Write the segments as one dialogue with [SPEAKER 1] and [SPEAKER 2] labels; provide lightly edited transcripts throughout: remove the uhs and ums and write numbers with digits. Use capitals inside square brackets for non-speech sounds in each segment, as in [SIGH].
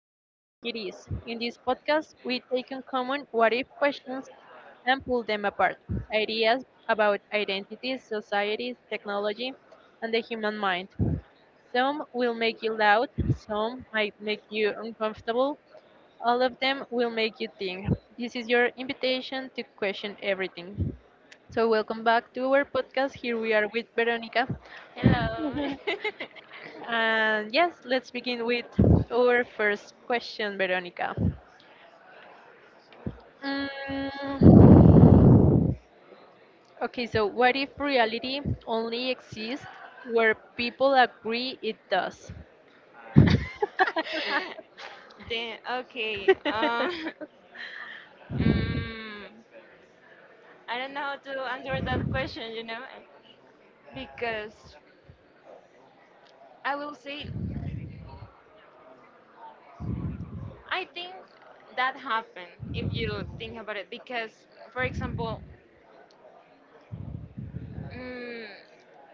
[SPEAKER 1] as we think it is? In this podcast, we take on common what if questions and pull them apart. Ideas about identities, societies, technology, and the human mind. Some will make you loud, some might make you uncomfortable, all of them will make you think. This is your invitation to question everything. So, welcome back to our podcast. Here we are with Veronica.
[SPEAKER 2] Hello. [LAUGHS]
[SPEAKER 1] And yes, let's begin with our first question, Veronica. Mm, okay, so what if reality only exists where people agree it does?
[SPEAKER 2] Then okay.
[SPEAKER 1] [LAUGHS] Yeah,
[SPEAKER 2] [LAUGHS] Mm, I don't know how to answer that question, because I will say I think that happened if you think about it. Because, for example, mm,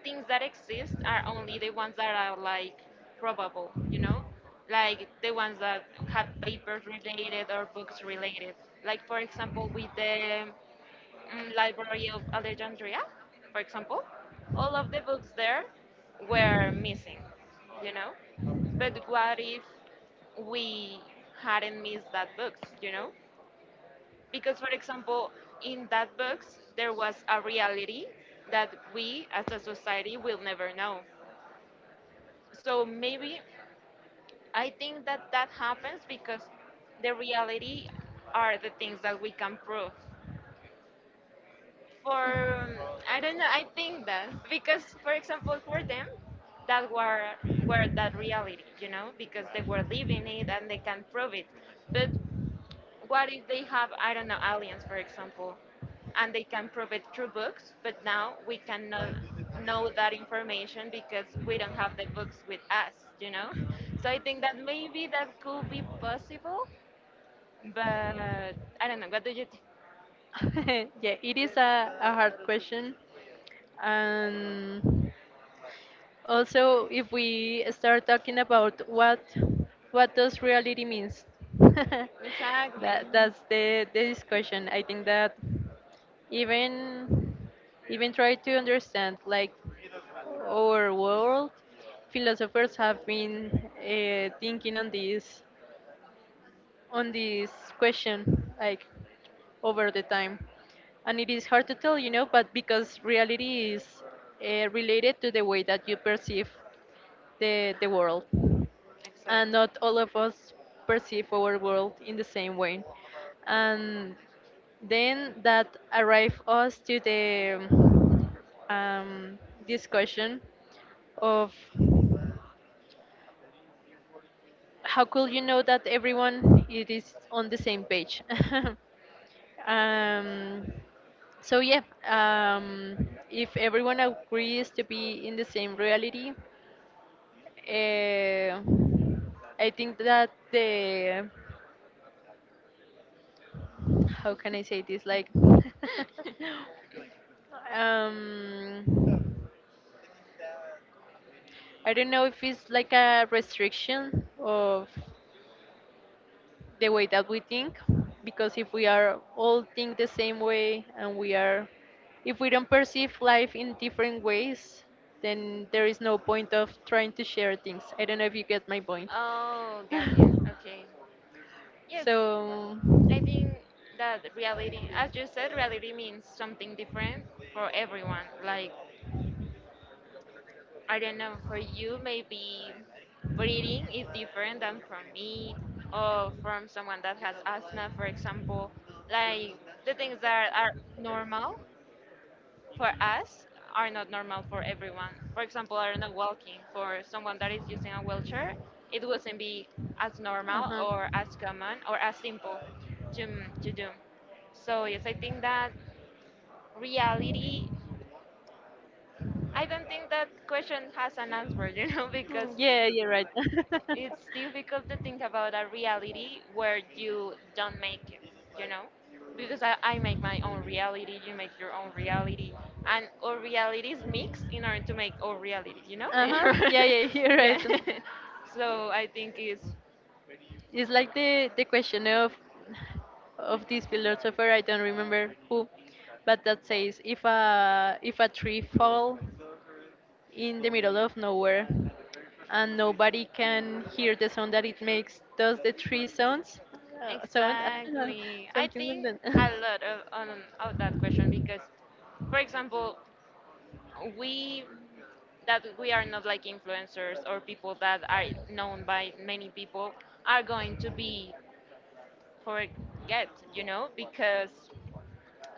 [SPEAKER 2] things that exist are only the ones that are like probable, like the ones that had papers related or books related. Like for example, with the Library of Alexandria, for example, all of the books there were missing, you know? But what if we hadn't missed that books, you know? Because, for example, in that books, there was a reality that we as a society will never know. So maybe I think that that happens because the reality are the things that we can prove for um, I don't know. I think that because, for example, for them, that were that reality, you know, because they were living it and they can prove it. But what if they have I don't know aliens, for example, and they can prove it through books, but now we cannot know that information because we don't have the books with us, you know. So I think that maybe that could be possible, but I don't know. What do you think?
[SPEAKER 1] it is a hard question. And also, if we start talking about what does reality means, [LAUGHS] that
[SPEAKER 2] Exactly.
[SPEAKER 1] that's the discussion. I think that even even try to understand like our world philosophers have been thinking on this question like over the time, and it is hard to tell but because reality is related to the way that you perceive the world. And
[SPEAKER 2] Exactly.
[SPEAKER 1] not all of us perceive our world in the same way. And then that arrive us to the um, discussion of how could you know that everyone it is on the same page. [LAUGHS] um, so yeah, if everyone agrees to be in the same reality, uh, I think that the how can I say this? Like, [LAUGHS] um, I don't know if it's like a restriction of the way that we think, because if we are all think the same way and we are, if we don't perceive life in different ways, then there is no point of trying to share things. I don't know if you get my point. [LAUGHS]
[SPEAKER 2] Oh, got you. Okay. Yes,
[SPEAKER 1] So,
[SPEAKER 2] I think that reality, as you said, reality means something different for everyone. Like, I don't know, for you, maybe breathing is different than for me or from someone that has asthma, for example. Like, the things that are normal for us are not normal for everyone. For example, I don't know, walking for someone that is using a wheelchair, it wouldn't be as
[SPEAKER 1] uh
[SPEAKER 2] normal
[SPEAKER 1] huh.
[SPEAKER 2] or as common or as simple to do. So yes, I think that reality. I don't think that question has an answer, [LAUGHS] because
[SPEAKER 1] Mm, [LAUGHS] yeah, you're right. [LAUGHS]
[SPEAKER 2] it's difficult to think about a reality where you don't make it, you know? Because I make my own reality, you make your own reality, and our realities mix in order to make our reality, you know?
[SPEAKER 1] Uh-huh. Yeah, yeah, [LAUGHS] you're
[SPEAKER 2] [LAUGHS]
[SPEAKER 1] right.
[SPEAKER 2] yeah. [LAUGHS] so I think it's
[SPEAKER 1] It's like the question of this philosopher, I don't remember who, but that says if a tree fall in the middle of nowhere and nobody can hear the sound that it makes, does the tree sounds sound I don't know,
[SPEAKER 2] exactly, I
[SPEAKER 1] something like
[SPEAKER 2] think a
[SPEAKER 1] that. [LAUGHS]
[SPEAKER 2] lot of, on, of that question because, for example, we that we are not like influencers or people that are known by many people are going to be forget, you know, because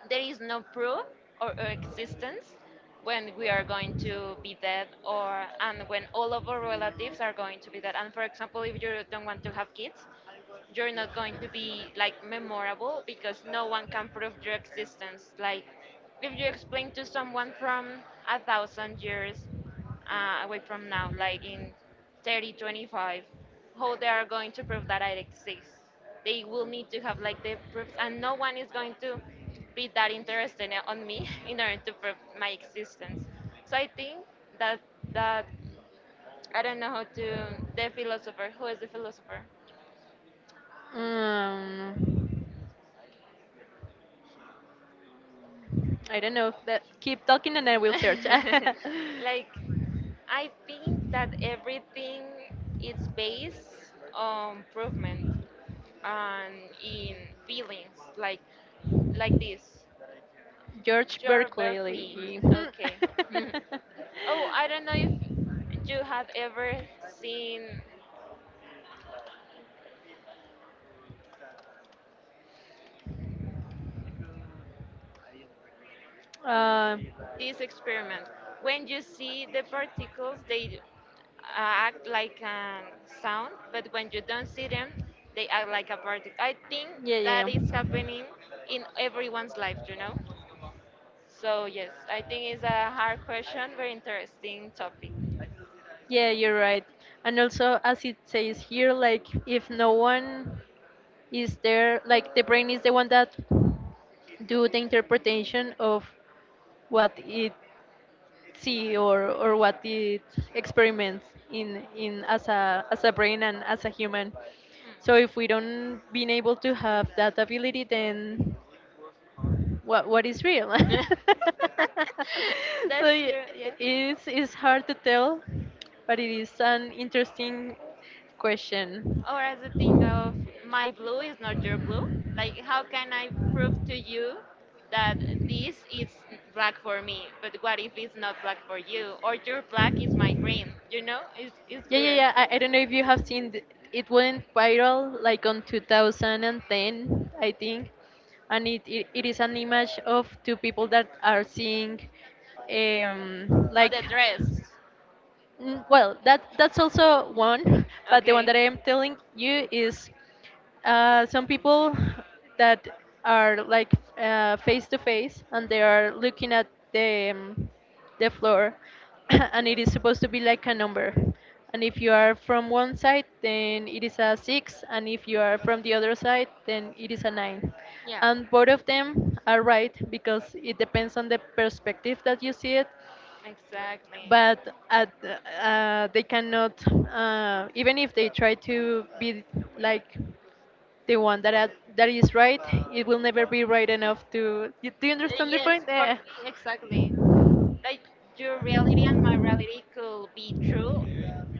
[SPEAKER 2] there is no proof or existence when we are going to be dead or and when all of our relatives are going to be dead. And for example, if you don't want to have kids, you're not going to be like memorable because no one can prove your existence. Like if you explain to someone from a thousand years away from now, like in 3025, how they are going to prove that I exist. They will need to have like the proofs, and no one is going to be that interested on me [LAUGHS] in order to prove my existence. So I think that that I don't know how to the philosopher. Who is the philosopher?
[SPEAKER 1] um, I don't know. That keep talking and I will search.
[SPEAKER 2] [LAUGHS] like I think that
[SPEAKER 1] [LAUGHS]
[SPEAKER 2] everything is based on improvement and in feelings like this.
[SPEAKER 1] George
[SPEAKER 2] You're Berkeley.
[SPEAKER 1] Berkeley. Hmm.
[SPEAKER 2] Okay.
[SPEAKER 1] [LAUGHS]
[SPEAKER 2] [LAUGHS] oh, I don't know if you have ever seen
[SPEAKER 1] uh,
[SPEAKER 2] this experiment. When you see the particles, they act like a sound, but when you don't see them, they act like a particle. I think
[SPEAKER 1] yeah,
[SPEAKER 2] that
[SPEAKER 1] yeah.
[SPEAKER 2] is happening in everyone's life,
[SPEAKER 1] Yeah.
[SPEAKER 2] you know? So, yes, I think it's a hard question, very interesting topic.
[SPEAKER 1] Yeah, you're right. And also, as it says here, like if no one is there, like the brain is the one that do the interpretation of what it see or what it experiments in as a brain and as a human. So if we don't being able to have that ability, then what is real.
[SPEAKER 2] Hmm.
[SPEAKER 1] [LAUGHS]
[SPEAKER 2] [LAUGHS]
[SPEAKER 1] so
[SPEAKER 2] That's
[SPEAKER 1] y-
[SPEAKER 2] true, yeah.
[SPEAKER 1] it's hard to tell, but it is an interesting question.
[SPEAKER 2] Or as a thing of my blue is not your blue. Like, how can I prove to you that this is black for me? But what if it's not black for you? Or your black is my green. You know, it's
[SPEAKER 1] Yeah, yeah,
[SPEAKER 2] weird.
[SPEAKER 1] yeah. I don't know if you have seen it went viral like on 2010, I think, and it is an image of two people that are seeing
[SPEAKER 2] Oh,
[SPEAKER 1] like.
[SPEAKER 2] the dress.
[SPEAKER 1] Mm, well, that that's also one, [LAUGHS] but the one
[SPEAKER 2] Okay.
[SPEAKER 1] that I am telling you is some people that are like face to face and they are looking at the um, the floor, [COUGHS] and it is supposed to be like a number. And if you are from one side, then it is a six, and if you are from the other side, then it is a nine.
[SPEAKER 2] Yeah.
[SPEAKER 1] And both of them are right because it depends on the perspective that you see it,
[SPEAKER 2] Exactly.
[SPEAKER 1] but at they cannot even if they try to be like the one that that is right it will never be right enough to do you understand the
[SPEAKER 2] Yes,
[SPEAKER 1] point?
[SPEAKER 2] for
[SPEAKER 1] Eh,
[SPEAKER 2] Exactly. Like your reality and my reality could be true,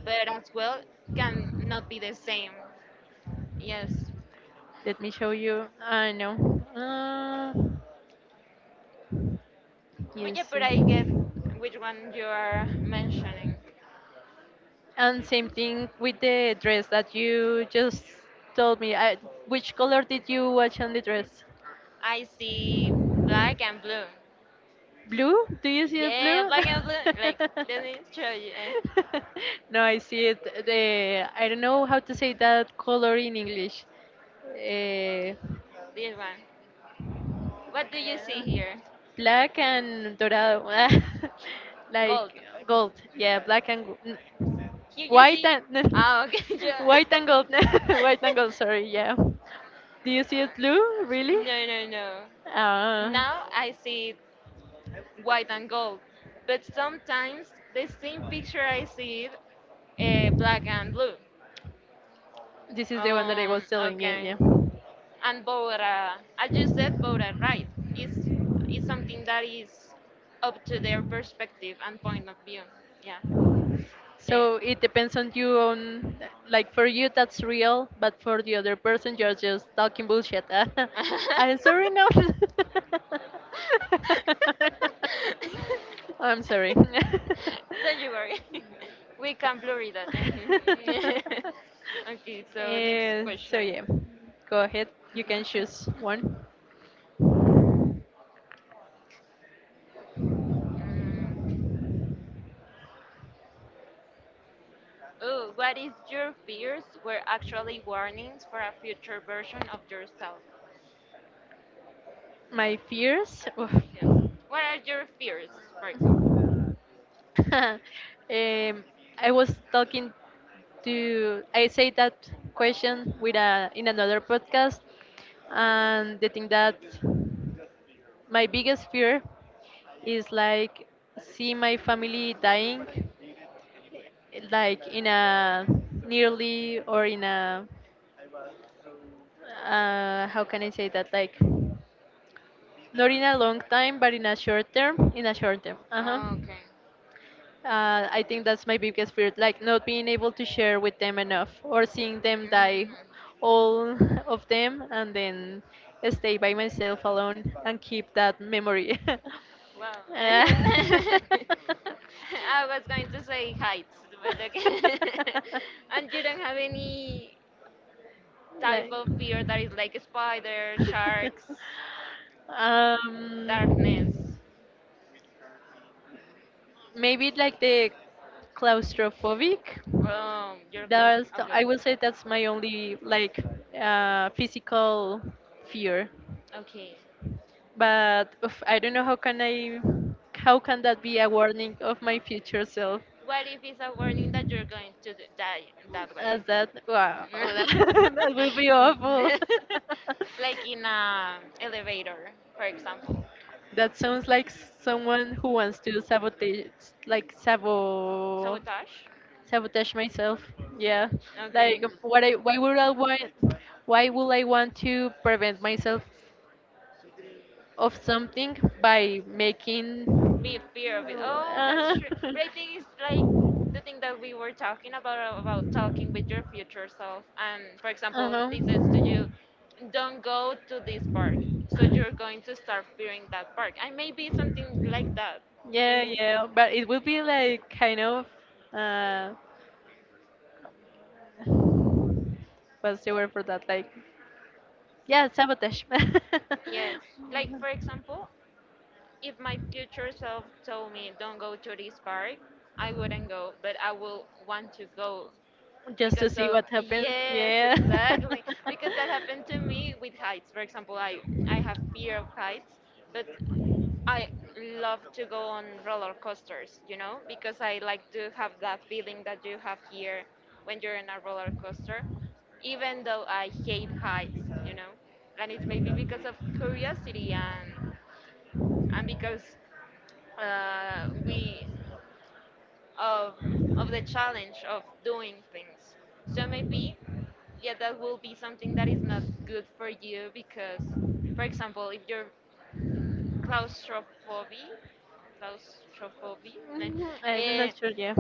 [SPEAKER 2] but as well can not be the same. Yes.
[SPEAKER 1] let me show you I know, uh,
[SPEAKER 2] But yeah, but I
[SPEAKER 1] you.
[SPEAKER 2] get which one you are mentioning.
[SPEAKER 1] And same thing with the dress that you just told me. I, which color did you watch on the dress?
[SPEAKER 2] I see black and blue.
[SPEAKER 1] Blue? Do you see it
[SPEAKER 2] Yeah,
[SPEAKER 1] blue?
[SPEAKER 2] black and blue. Like, let me show you
[SPEAKER 1] [LAUGHS] [LAUGHS] No, I see it. The I don't know how to say that color in English. Eh,
[SPEAKER 2] this one. What do you see here?
[SPEAKER 1] black and dorado, [LAUGHS] like
[SPEAKER 2] Gold.
[SPEAKER 1] gold. Yeah, black and
[SPEAKER 2] Here you
[SPEAKER 1] white
[SPEAKER 2] see.
[SPEAKER 1] and [LAUGHS]
[SPEAKER 2] Ah, okay, [LAUGHS] yeah.
[SPEAKER 1] white and gold. [LAUGHS] White and gold. Sorry. Yeah. Do you see it blue?
[SPEAKER 2] [LAUGHS]
[SPEAKER 1] Really?
[SPEAKER 2] no, no, no.
[SPEAKER 1] Uh,
[SPEAKER 2] Now I see it white and gold, but sometimes the same picture I see it black and blue.
[SPEAKER 1] this is the one that I was telling you.
[SPEAKER 2] Okay.
[SPEAKER 1] Yeah.
[SPEAKER 2] And Bora, as you said, Bora, right? Is is something that is up to their perspective and point of view. Yeah. Yeah.
[SPEAKER 1] So it depends on you. On like for you, that's real, but for the other person, you're just talking bullshit. [LAUGHS] I'm sorry
[SPEAKER 2] [LAUGHS]
[SPEAKER 1] now.
[SPEAKER 2] [LAUGHS]
[SPEAKER 1] [LAUGHS] I'm sorry. [LAUGHS]
[SPEAKER 2] Don't you worry. [LAUGHS] We can blur it out. [LAUGHS] Okay, so next
[SPEAKER 1] Eh, so
[SPEAKER 2] question.
[SPEAKER 1] yeah, go ahead. You can choose
[SPEAKER 2] [LAUGHS]
[SPEAKER 1] one.
[SPEAKER 2] Mm. Oh, what is your fears were actually warnings for a future version of yourself?
[SPEAKER 1] My fears. Oof.
[SPEAKER 2] Yeah. What are your fears, for example?
[SPEAKER 1] [LAUGHS] um, I was talking to. I say that question with a in another podcast, and the thing that my biggest fear is like see my family dying, like in a nearly or in a how can I say that like not in a long time but in a short term. Uh huh.
[SPEAKER 2] Okay.
[SPEAKER 1] I think that's my biggest fear, like not being able to share with them enough or seeing them die,
[SPEAKER 2] Mm.
[SPEAKER 1] all [LAUGHS] of them, and then stay by myself alone and keep that memory. [LAUGHS]
[SPEAKER 2] Wow. [LAUGHS]
[SPEAKER 1] Uh,
[SPEAKER 2] And
[SPEAKER 1] [LAUGHS]
[SPEAKER 2] I was going to say heights, but okay. [LAUGHS] And you don't have any type
[SPEAKER 1] like,
[SPEAKER 2] of fear that
[SPEAKER 1] [LAUGHS]
[SPEAKER 2] is like spiders, sharks,
[SPEAKER 1] um,
[SPEAKER 2] darkness.
[SPEAKER 1] maybe like the claustrophobic.
[SPEAKER 2] You're close.
[SPEAKER 1] That's
[SPEAKER 2] Okay.
[SPEAKER 1] I will say that's my only like physical fear.
[SPEAKER 2] Okay.
[SPEAKER 1] But oof, I don't know how can that be a warning of my future self?
[SPEAKER 2] What if it's a warning that you're going to die that way?
[SPEAKER 1] As that wow, [LAUGHS] that will be
[SPEAKER 2] [LAUGHS]
[SPEAKER 1] awful.
[SPEAKER 2] [LAUGHS] Like in a
[SPEAKER 1] [LAUGHS]
[SPEAKER 2] elevator, for example.
[SPEAKER 1] That sounds like someone who wants to sabotage, like
[SPEAKER 2] Sabotage?
[SPEAKER 1] sabotage myself. Yeah, like
[SPEAKER 2] Okay.
[SPEAKER 1] what I why would I want why would I want to prevent myself of something by making
[SPEAKER 2] Be fear of it. Oh,
[SPEAKER 1] uh
[SPEAKER 2] that's true. But I think it's like
[SPEAKER 1] [LAUGHS]
[SPEAKER 2] the thing that we were talking about talking with your future self. And for example, this says to
[SPEAKER 1] uh-huh.
[SPEAKER 2] you, don't go to this park. So you're going to start fearing that park. And maybe something like that, don't
[SPEAKER 1] Yeah,
[SPEAKER 2] you?
[SPEAKER 1] yeah, but it would be like kind of uh what's the word for that, like, yeah, sabotage.
[SPEAKER 2] Yes. Like for example,
[SPEAKER 1] [LAUGHS]
[SPEAKER 2] if my future self told me don't go to this park, I wouldn't go, but I will want to go
[SPEAKER 1] Just to
[SPEAKER 2] because
[SPEAKER 1] see
[SPEAKER 2] of
[SPEAKER 1] what happens.
[SPEAKER 2] yes,
[SPEAKER 1] Yeah.
[SPEAKER 2] exactly, because that happened to me with
[SPEAKER 1] [LAUGHS]
[SPEAKER 2] heights, for example. I have fear of heights, but I love to go on roller coasters, you know, because I like to have that feeling that you have here when you're in a roller coaster, even though I hate heights, you know. And it's maybe because of curiosity and because we of of the challenge of doing things. So maybe, yeah, that will be something that is not good for you because, for example, if you're claustrophobic claustrophobic
[SPEAKER 1] Mhm, I'm
[SPEAKER 2] eh,
[SPEAKER 1] not sure. Yeah.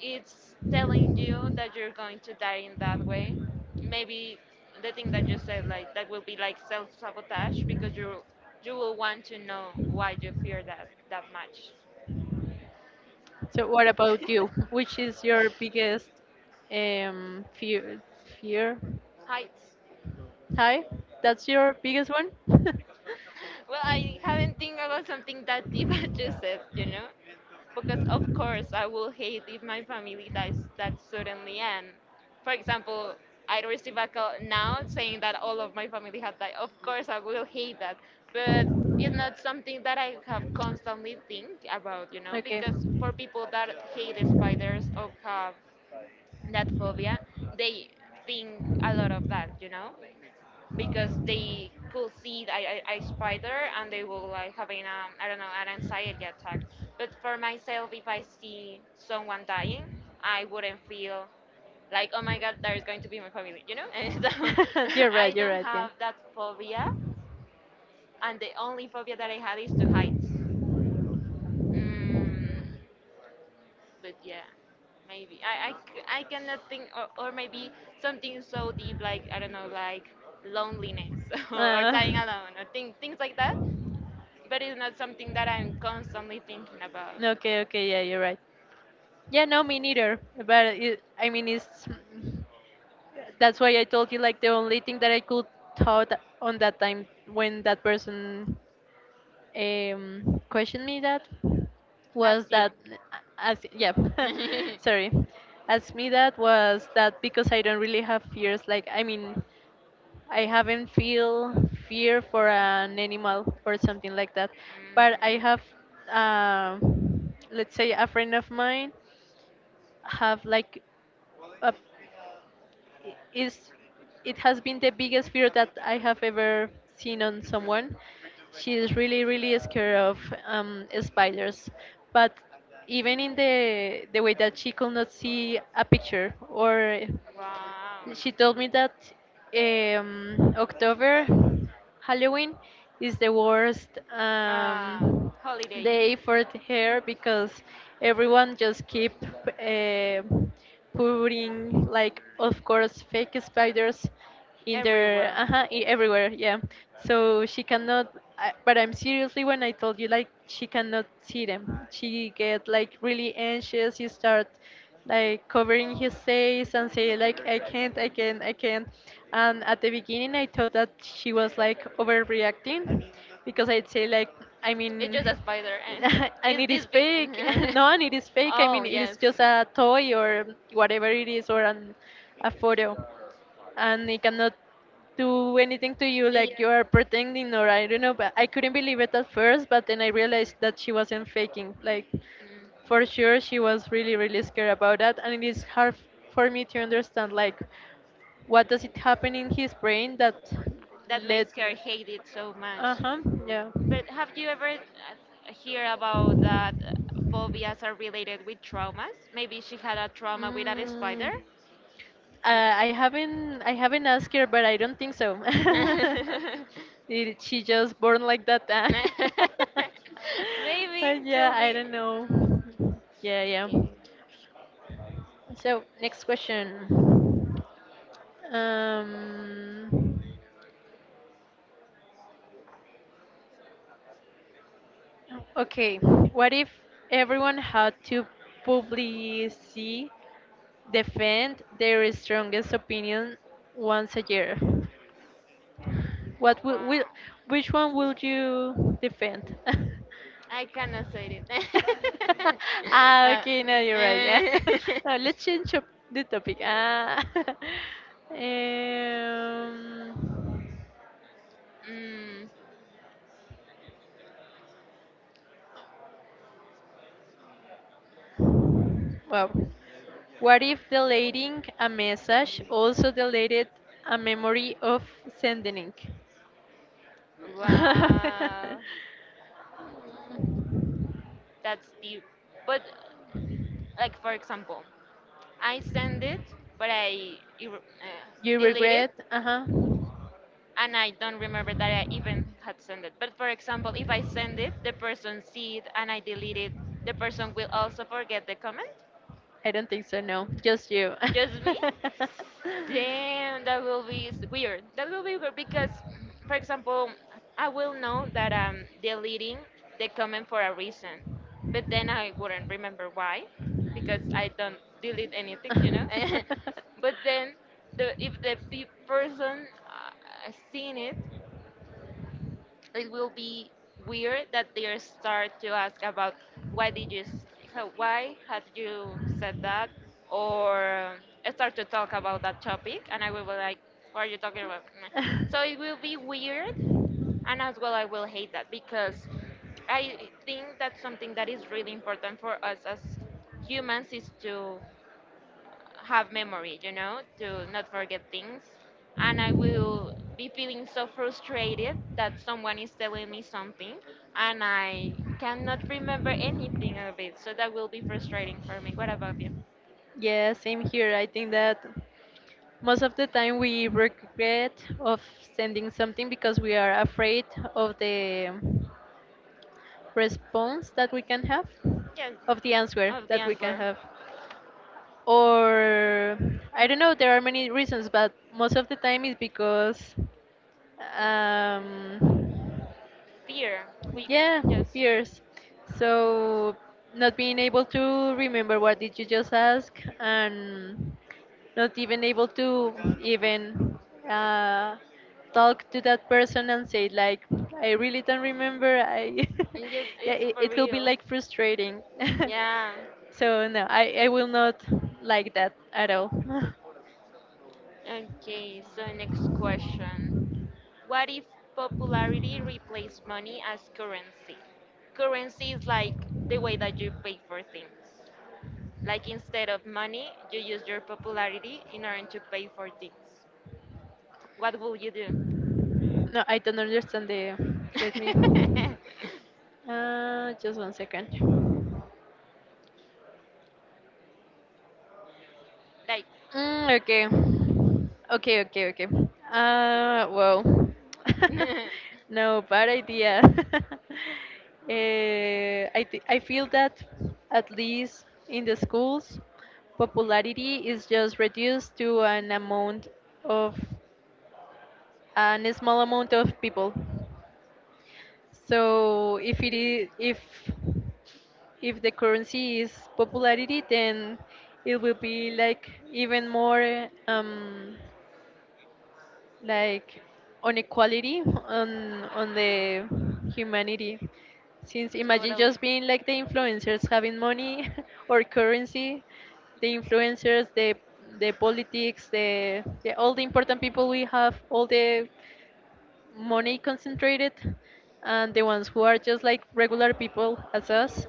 [SPEAKER 2] it's telling you that you're going to die in that way. Maybe the thing that you said, like that will be like self-sabotage because you will want to know why you fear that much.
[SPEAKER 1] So what about you?
[SPEAKER 2] [LAUGHS]
[SPEAKER 1] Which is your biggest fear? Fear?
[SPEAKER 2] Heights.
[SPEAKER 1] Hi, that's your biggest one? [LAUGHS]
[SPEAKER 2] Well, I haven't think about something that deep [LAUGHS] as you said, you know, because of course I will hate if my family dies that suddenly. And for example, I receive a call now saying that all of my family have died. Of course, I will hate that, but it's not something that I have constantly think about, you know,
[SPEAKER 1] Okay.
[SPEAKER 2] because for people that hate spiders or have that phobia, they think a lot of that, you know, because they could see a I spider and they will like having
[SPEAKER 1] [LAUGHS]
[SPEAKER 2] I don't know an anxiety attack. But for myself, if I see someone dying, I wouldn't feel like oh my god, there is going to be my family, you know. [LAUGHS] And so [LAUGHS]
[SPEAKER 1] Are
[SPEAKER 2] I
[SPEAKER 1] right, you're
[SPEAKER 2] don't
[SPEAKER 1] right, yeah.
[SPEAKER 2] have that phobia, and the only phobia that I had is to heights. Mm, but yeah, maybe I cannot think or maybe something so deep like I don't know like loneliness [LAUGHS] or
[SPEAKER 1] Uh, [LAUGHS]
[SPEAKER 2] dying alone or things like that. But it's not something that I'm constantly thinking about.
[SPEAKER 1] okay, okay, yeah, you're right. Yeah, no, me neither. But it, I mean, it's. That's why I told you like the only thing that I could thought on that time when that person questioned me that
[SPEAKER 2] As
[SPEAKER 1] was
[SPEAKER 2] you.
[SPEAKER 1] that
[SPEAKER 2] [LAUGHS]
[SPEAKER 1] as yeah [LAUGHS] sorry asked me that was that because I don't really have fears like I mean I haven't feel fear for an animal or something like that,
[SPEAKER 2] Mm,
[SPEAKER 1] but I have uh, let's say a friend of mine have like a is it has been the biggest fear that I have ever seen on someone. She is really really scared of spiders, but even in the way that she could not see a picture or
[SPEAKER 2] wow.
[SPEAKER 1] she told me that October, Halloween, is the worst
[SPEAKER 2] Uh,
[SPEAKER 1] day
[SPEAKER 2] holiday.
[SPEAKER 1] for the hair because everyone just keep uh, putting like, of course, fake spiders in their
[SPEAKER 2] Everywhere.
[SPEAKER 1] everywhere, yeah, so she cannot but I'm seriously when I told you like she cannot see them she get like really anxious you start like covering his face and say like I can't I can't I can't, and at the beginning I thought that she was like overreacting because I'd say like I
[SPEAKER 2] It's just
[SPEAKER 1] mean
[SPEAKER 2] a spider
[SPEAKER 1] [LAUGHS]
[SPEAKER 2] and [LAUGHS]
[SPEAKER 1] and
[SPEAKER 2] it's
[SPEAKER 1] it is
[SPEAKER 2] this big.
[SPEAKER 1] fake. [LAUGHS]
[SPEAKER 2] And
[SPEAKER 1] No, and it is
[SPEAKER 2] [LAUGHS]
[SPEAKER 1] fake. I
[SPEAKER 2] oh,
[SPEAKER 1] mean, it is
[SPEAKER 2] yes.
[SPEAKER 1] just a toy or whatever it is, or a photo, and it cannot do anything to you
[SPEAKER 2] Yeah,
[SPEAKER 1] like you are pretending or I don't know. But I couldn't believe it at first, but then I realized that she wasn't faking. Like,
[SPEAKER 2] yeah. Mm.
[SPEAKER 1] for sure, she was really, really scared about that, and it is hard for me to understand like what does it happen in his brain that
[SPEAKER 2] That
[SPEAKER 1] led.
[SPEAKER 2] makes her hate it so much.
[SPEAKER 1] Uh huh. Yeah.
[SPEAKER 2] But have you ever hear about that
[SPEAKER 1] Mm,
[SPEAKER 2] phobias are related with traumas? Maybe she had a trauma with a spider.
[SPEAKER 1] uh,
[SPEAKER 2] Mm.
[SPEAKER 1] I haven't asked her, but I don't think so. [LAUGHS]
[SPEAKER 2] [LAUGHS]
[SPEAKER 1] Did she just born like that? Huh? [LAUGHS] But
[SPEAKER 2] Maybe
[SPEAKER 1] yeah,
[SPEAKER 2] could
[SPEAKER 1] I
[SPEAKER 2] be.
[SPEAKER 1] don't know. Yeah, yeah.
[SPEAKER 2] Okay.
[SPEAKER 1] So next question. Um, okay, what if everyone had to publicly defend their strongest opinion once a year. What
[SPEAKER 2] Wow.
[SPEAKER 1] will which one will you defend? [LAUGHS]
[SPEAKER 2] I cannot say it.
[SPEAKER 1] [LAUGHS] Ah, okay, no, you're right. Yeah.
[SPEAKER 2] [LAUGHS] Uh, [LAUGHS]
[SPEAKER 1] [LAUGHS] No, let's change up the topic. Ah. [LAUGHS] um,
[SPEAKER 2] mm,
[SPEAKER 1] well, what if deleting a message also deleted a memory of sending? [LAUGHS]
[SPEAKER 2] wow. That's deep. But like for example, I send it, but I
[SPEAKER 1] You
[SPEAKER 2] delete it,
[SPEAKER 1] regret? Uh huh.
[SPEAKER 2] and I don't remember that I even had sent it. But for example, if I send it, the person see it, and I delete it, the person will also forget the comment.
[SPEAKER 1] I don't think so, no. Just you.
[SPEAKER 2] Just me? Damn, that will be weird. That will be weird because, for example, I will know that I'm deleting the comment for a reason, but then I wouldn't remember why, because I don't delete anything. [LAUGHS] But then, the if the person
[SPEAKER 1] [LAUGHS] [LAUGHS]
[SPEAKER 2] seen it, it will be weird that they start to ask about why did why had you said that or start to talk about that topic and I will be like what are you talking about Meh. So it
[SPEAKER 1] [LAUGHS]
[SPEAKER 2] will be weird and as well I will hate that because I think that something that is really important for us as humans is to have memory, you know, to not forget things. And I will be feeling so frustrated that someone is telling me something and I cannot remember anything of it. So that will be frustrating for me. What about you?
[SPEAKER 1] Yeah, same here. I think that. Most of the time we regret of sending something because we are afraid of the response that we can have
[SPEAKER 2] Yes,
[SPEAKER 1] of the answer
[SPEAKER 2] of the
[SPEAKER 1] that we can
[SPEAKER 2] answer.
[SPEAKER 1] have, or I don't know, there are many reasons but most of the time is because um,
[SPEAKER 2] Fear. We,
[SPEAKER 1] yeah,
[SPEAKER 2] yes.
[SPEAKER 1] fears. So not being able to remember what did you just ask and not even able to even uh, talk to that person and say like I really don't remember. I
[SPEAKER 2] Yes,
[SPEAKER 1] [LAUGHS] yeah,
[SPEAKER 2] it's
[SPEAKER 1] it,
[SPEAKER 2] for
[SPEAKER 1] it could be
[SPEAKER 2] real.
[SPEAKER 1] like frustrating. [LAUGHS]
[SPEAKER 2] Yeah.
[SPEAKER 1] So no, I will not like that at all. [LAUGHS]
[SPEAKER 2] Okay, so next question. What if popularity replaced money as currency? Currency is like the way that you pay for things. Like instead of money, you use your popularity in order to pay for things. What will you do?
[SPEAKER 1] No, I don't understand the. Let me. [LAUGHS]
[SPEAKER 2] [LAUGHS]
[SPEAKER 1] Just one second.
[SPEAKER 2] Like,
[SPEAKER 1] Okay. Okay, okay, okay. Well,
[SPEAKER 2] [LAUGHS]
[SPEAKER 1] [LAUGHS] no, bad idea. [LAUGHS] Eh, I feel that at least in the schools, popularity is just reduced to an amount of an small amount of people. So if it is if the currency is popularity, then it will be like even more like on equality on the humanity, since imagine
[SPEAKER 2] totally.
[SPEAKER 1] just being like the influencers having money [LAUGHS] or currency, the influencers, the politics, the all the important people, we have all the money concentrated, and the ones who are just like regular people as us,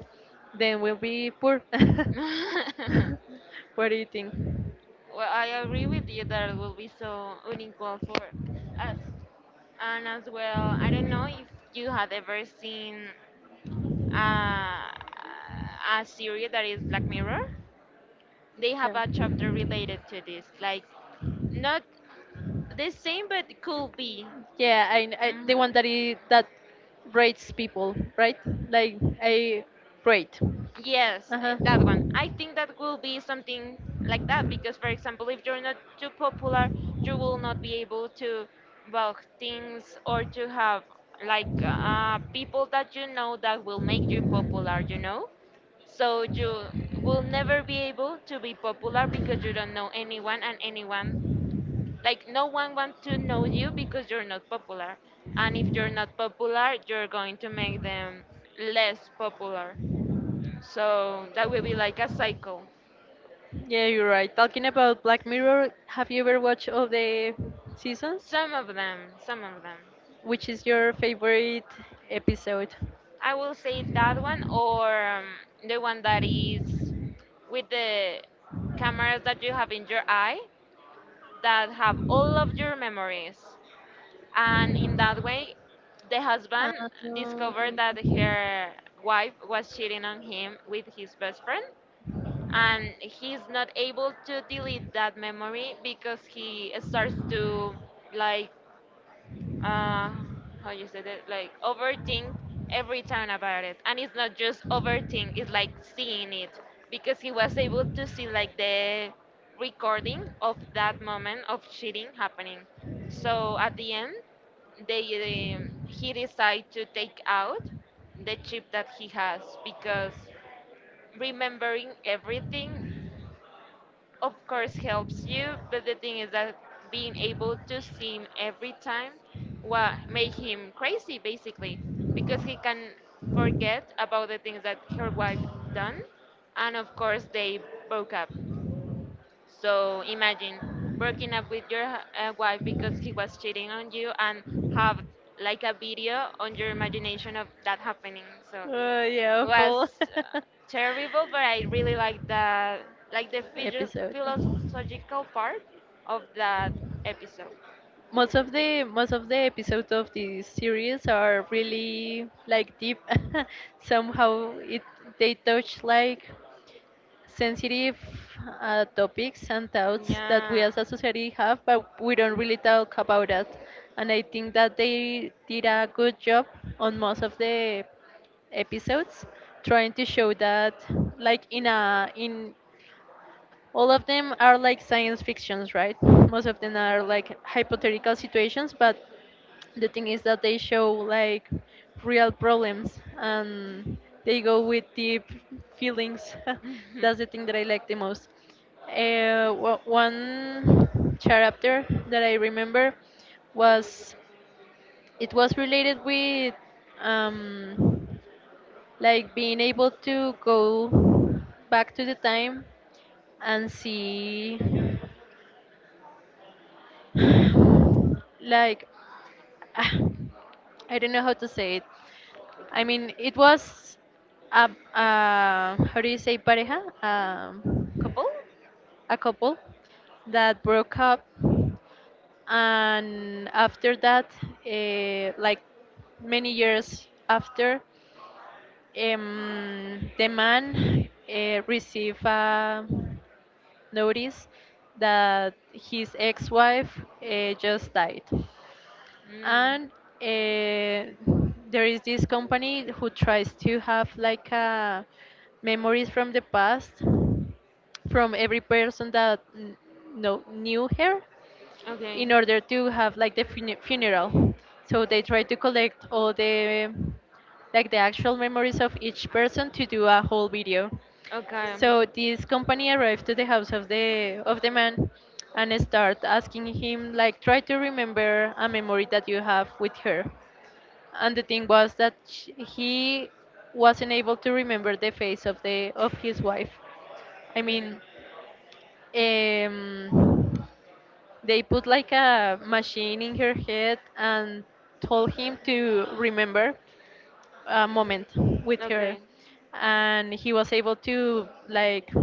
[SPEAKER 1] then we'll be poor. [LAUGHS]
[SPEAKER 2] [LAUGHS] Well,
[SPEAKER 1] What do you think?
[SPEAKER 2] I agree with you that it will be so unequal for us. And as well, I don't know if you had ever seen uh, a series that is Black Mirror. They have
[SPEAKER 1] Yeah.
[SPEAKER 2] a chapter related to this, like not the same, but it could be.
[SPEAKER 1] Yeah, I
[SPEAKER 2] Mhm.
[SPEAKER 1] the one that is, that rates people, right? Like a rate.
[SPEAKER 2] Yes,
[SPEAKER 1] Uh
[SPEAKER 2] eh,
[SPEAKER 1] huh.
[SPEAKER 2] that one. I think that will be something like that because, for example, if you're not too popular, you will not be able to buy things or to have like people that you know that will make you popular, you know? So you will never be able to be popular because you don't know anyone and anyone like no one wants to know you because you're not popular. And if you're not popular, you're going to make them less popular. So that will be like a cycle.
[SPEAKER 1] Yeah, you're right. Talking about Black Mirror, have you ever watched all the seasons?
[SPEAKER 2] Some of them, some of them.
[SPEAKER 1] Which is your favorite episode?
[SPEAKER 2] I will say that one or the one that is with the cameras that you have in your eye that have all of your memories. And in that way, the husband
[SPEAKER 1] Um,
[SPEAKER 2] discovered that her wife was cheating on him with his best friend. And he's not able to delete that memory because he starts to like uh how you said it, like overthink every time about it. And it's not just overthink, it's like seeing it, because he was able to see like the recording of that moment of cheating happening. So at the end, they he decided to take out the chip that he has, because remembering everything of course helps you, but the thing is that being able to see him every time, what made him crazy basically, because he can forget about the things that her wife done. And of course they broke up. So imagine breaking up with your wife because he was cheating on you and have like a video on your imagination of that happening. So
[SPEAKER 1] yeah,
[SPEAKER 2] was
[SPEAKER 1] full
[SPEAKER 2] uh, terrible, but I really liked the like the
[SPEAKER 1] [LAUGHS] episode.
[SPEAKER 2] philosophical part of that episode.
[SPEAKER 1] Most of the episodes of this series are really like deep. [LAUGHS] Somehow it they touch like sensitive topics and doubts that
[SPEAKER 2] Yeah.
[SPEAKER 1] we as a society have, but we don't really talk about that. And I think that they did a good job on most of the episodes, trying to show that, like in a in all of them are like science fictions, right? Most of them are like hypothetical situations, but the thing is that they show like real problems and they go with deep feelings. [LAUGHS]
[SPEAKER 2] [LAUGHS]
[SPEAKER 1] That's the thing that I like the most. One chapter that I remember was it was related with um, like being able to go back to the time and see, like, [SIGHS] ah, I don't know how to say it. I mean, it was a how do you say pareja?
[SPEAKER 2] Couple?
[SPEAKER 1] A couple that broke up, and after that, like many years after, the man received a notice that his ex-wife just died,
[SPEAKER 2] Mm,
[SPEAKER 1] and uh, there is this company who tries to have like a memories from the past from every person that knew her
[SPEAKER 2] okay.
[SPEAKER 1] in order to have like the funeral. So they try to collect all the like the actual memories of each person to do a whole video.
[SPEAKER 2] Okay.
[SPEAKER 1] So this company arrived to the house of the man and start asking him like try to remember a memory that you have with her. And the thing was that he wasn't able to remember the face of the of his wife. I mean,
[SPEAKER 2] Mm.
[SPEAKER 1] um, they put like a machine in her head and told him to remember a moment with her,
[SPEAKER 2] Okay.
[SPEAKER 1] and he was able to like,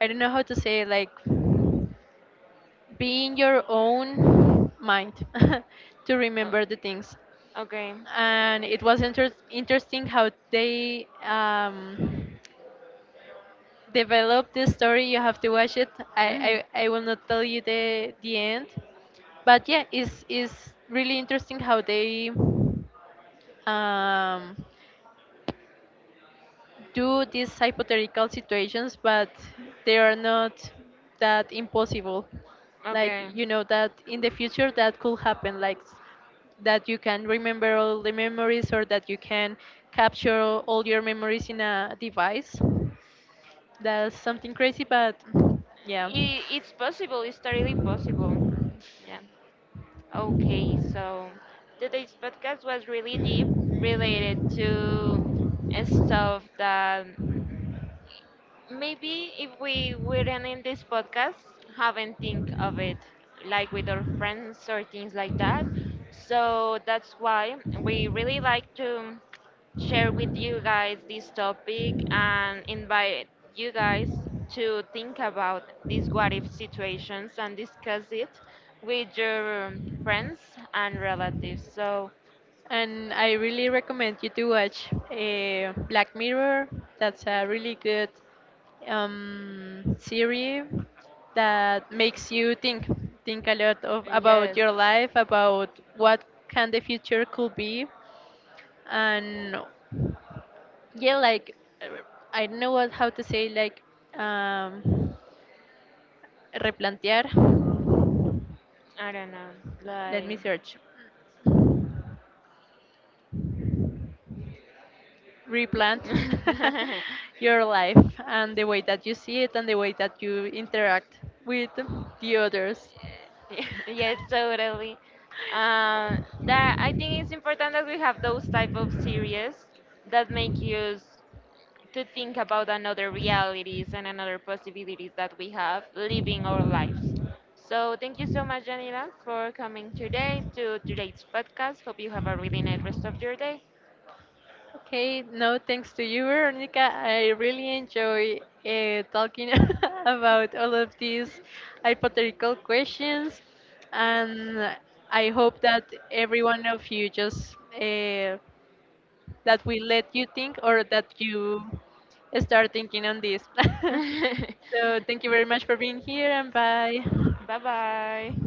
[SPEAKER 1] I don't know how to say like, be in your own mind [LAUGHS] to
[SPEAKER 2] O-
[SPEAKER 1] remember the things,
[SPEAKER 2] Okay.
[SPEAKER 1] and it was interesting how they develop the story. You have to watch it. I,
[SPEAKER 2] Mhm.
[SPEAKER 1] I, I will not tell you the end, but yeah, it's really interesting how they um, do these hypothetical situations, but they are not that impossible. Like
[SPEAKER 2] Okay.
[SPEAKER 1] you know that in the future that could happen. That you can remember all the memories or that you can capture all your memories in a device. That's something crazy, but yeah.
[SPEAKER 2] I it's possible. It's totally possible. Yeah. Okay. So today's podcast was really deep, related to stuff that maybe if we weren't in this podcast, haven't think of it like with our friends or things like that. So that's why we really like to share with you guys this topic and invite you guys to think about these what if situations and discuss it with your friends and relatives. So,
[SPEAKER 1] And I really recommend you to watch Black Mirror. That's a really good series that makes you think a lot of about
[SPEAKER 2] yes,
[SPEAKER 1] your life, about what can the future could be, and yeah, like uh, I don't know what how to say like um, replantear.
[SPEAKER 2] I don't know,
[SPEAKER 1] Let me
[SPEAKER 2] like.
[SPEAKER 1] search. Replant
[SPEAKER 2] [LAUGHS]
[SPEAKER 1] [LAUGHS] your life and the way that you see it and the way that you interact with the others.
[SPEAKER 2] [LAUGHS] Yes, totally. Um, that I think it's important that we have those type of series that make us to think about another realities and another possibilities that we have living our lives. So thank you so much, Janila, for coming today to today's podcast. Hope you have a really nice rest of your day.
[SPEAKER 1] Okay, no thanks to you, Veronica. I really enjoy talking [LAUGHS] about all of these hypothetical questions, and I hope that every one of you just that we let you think or that you start thinking on this. [LAUGHS] So,
[SPEAKER 2] [LAUGHS]
[SPEAKER 1] thank you very much for being here, and bye.
[SPEAKER 2] Bye bye.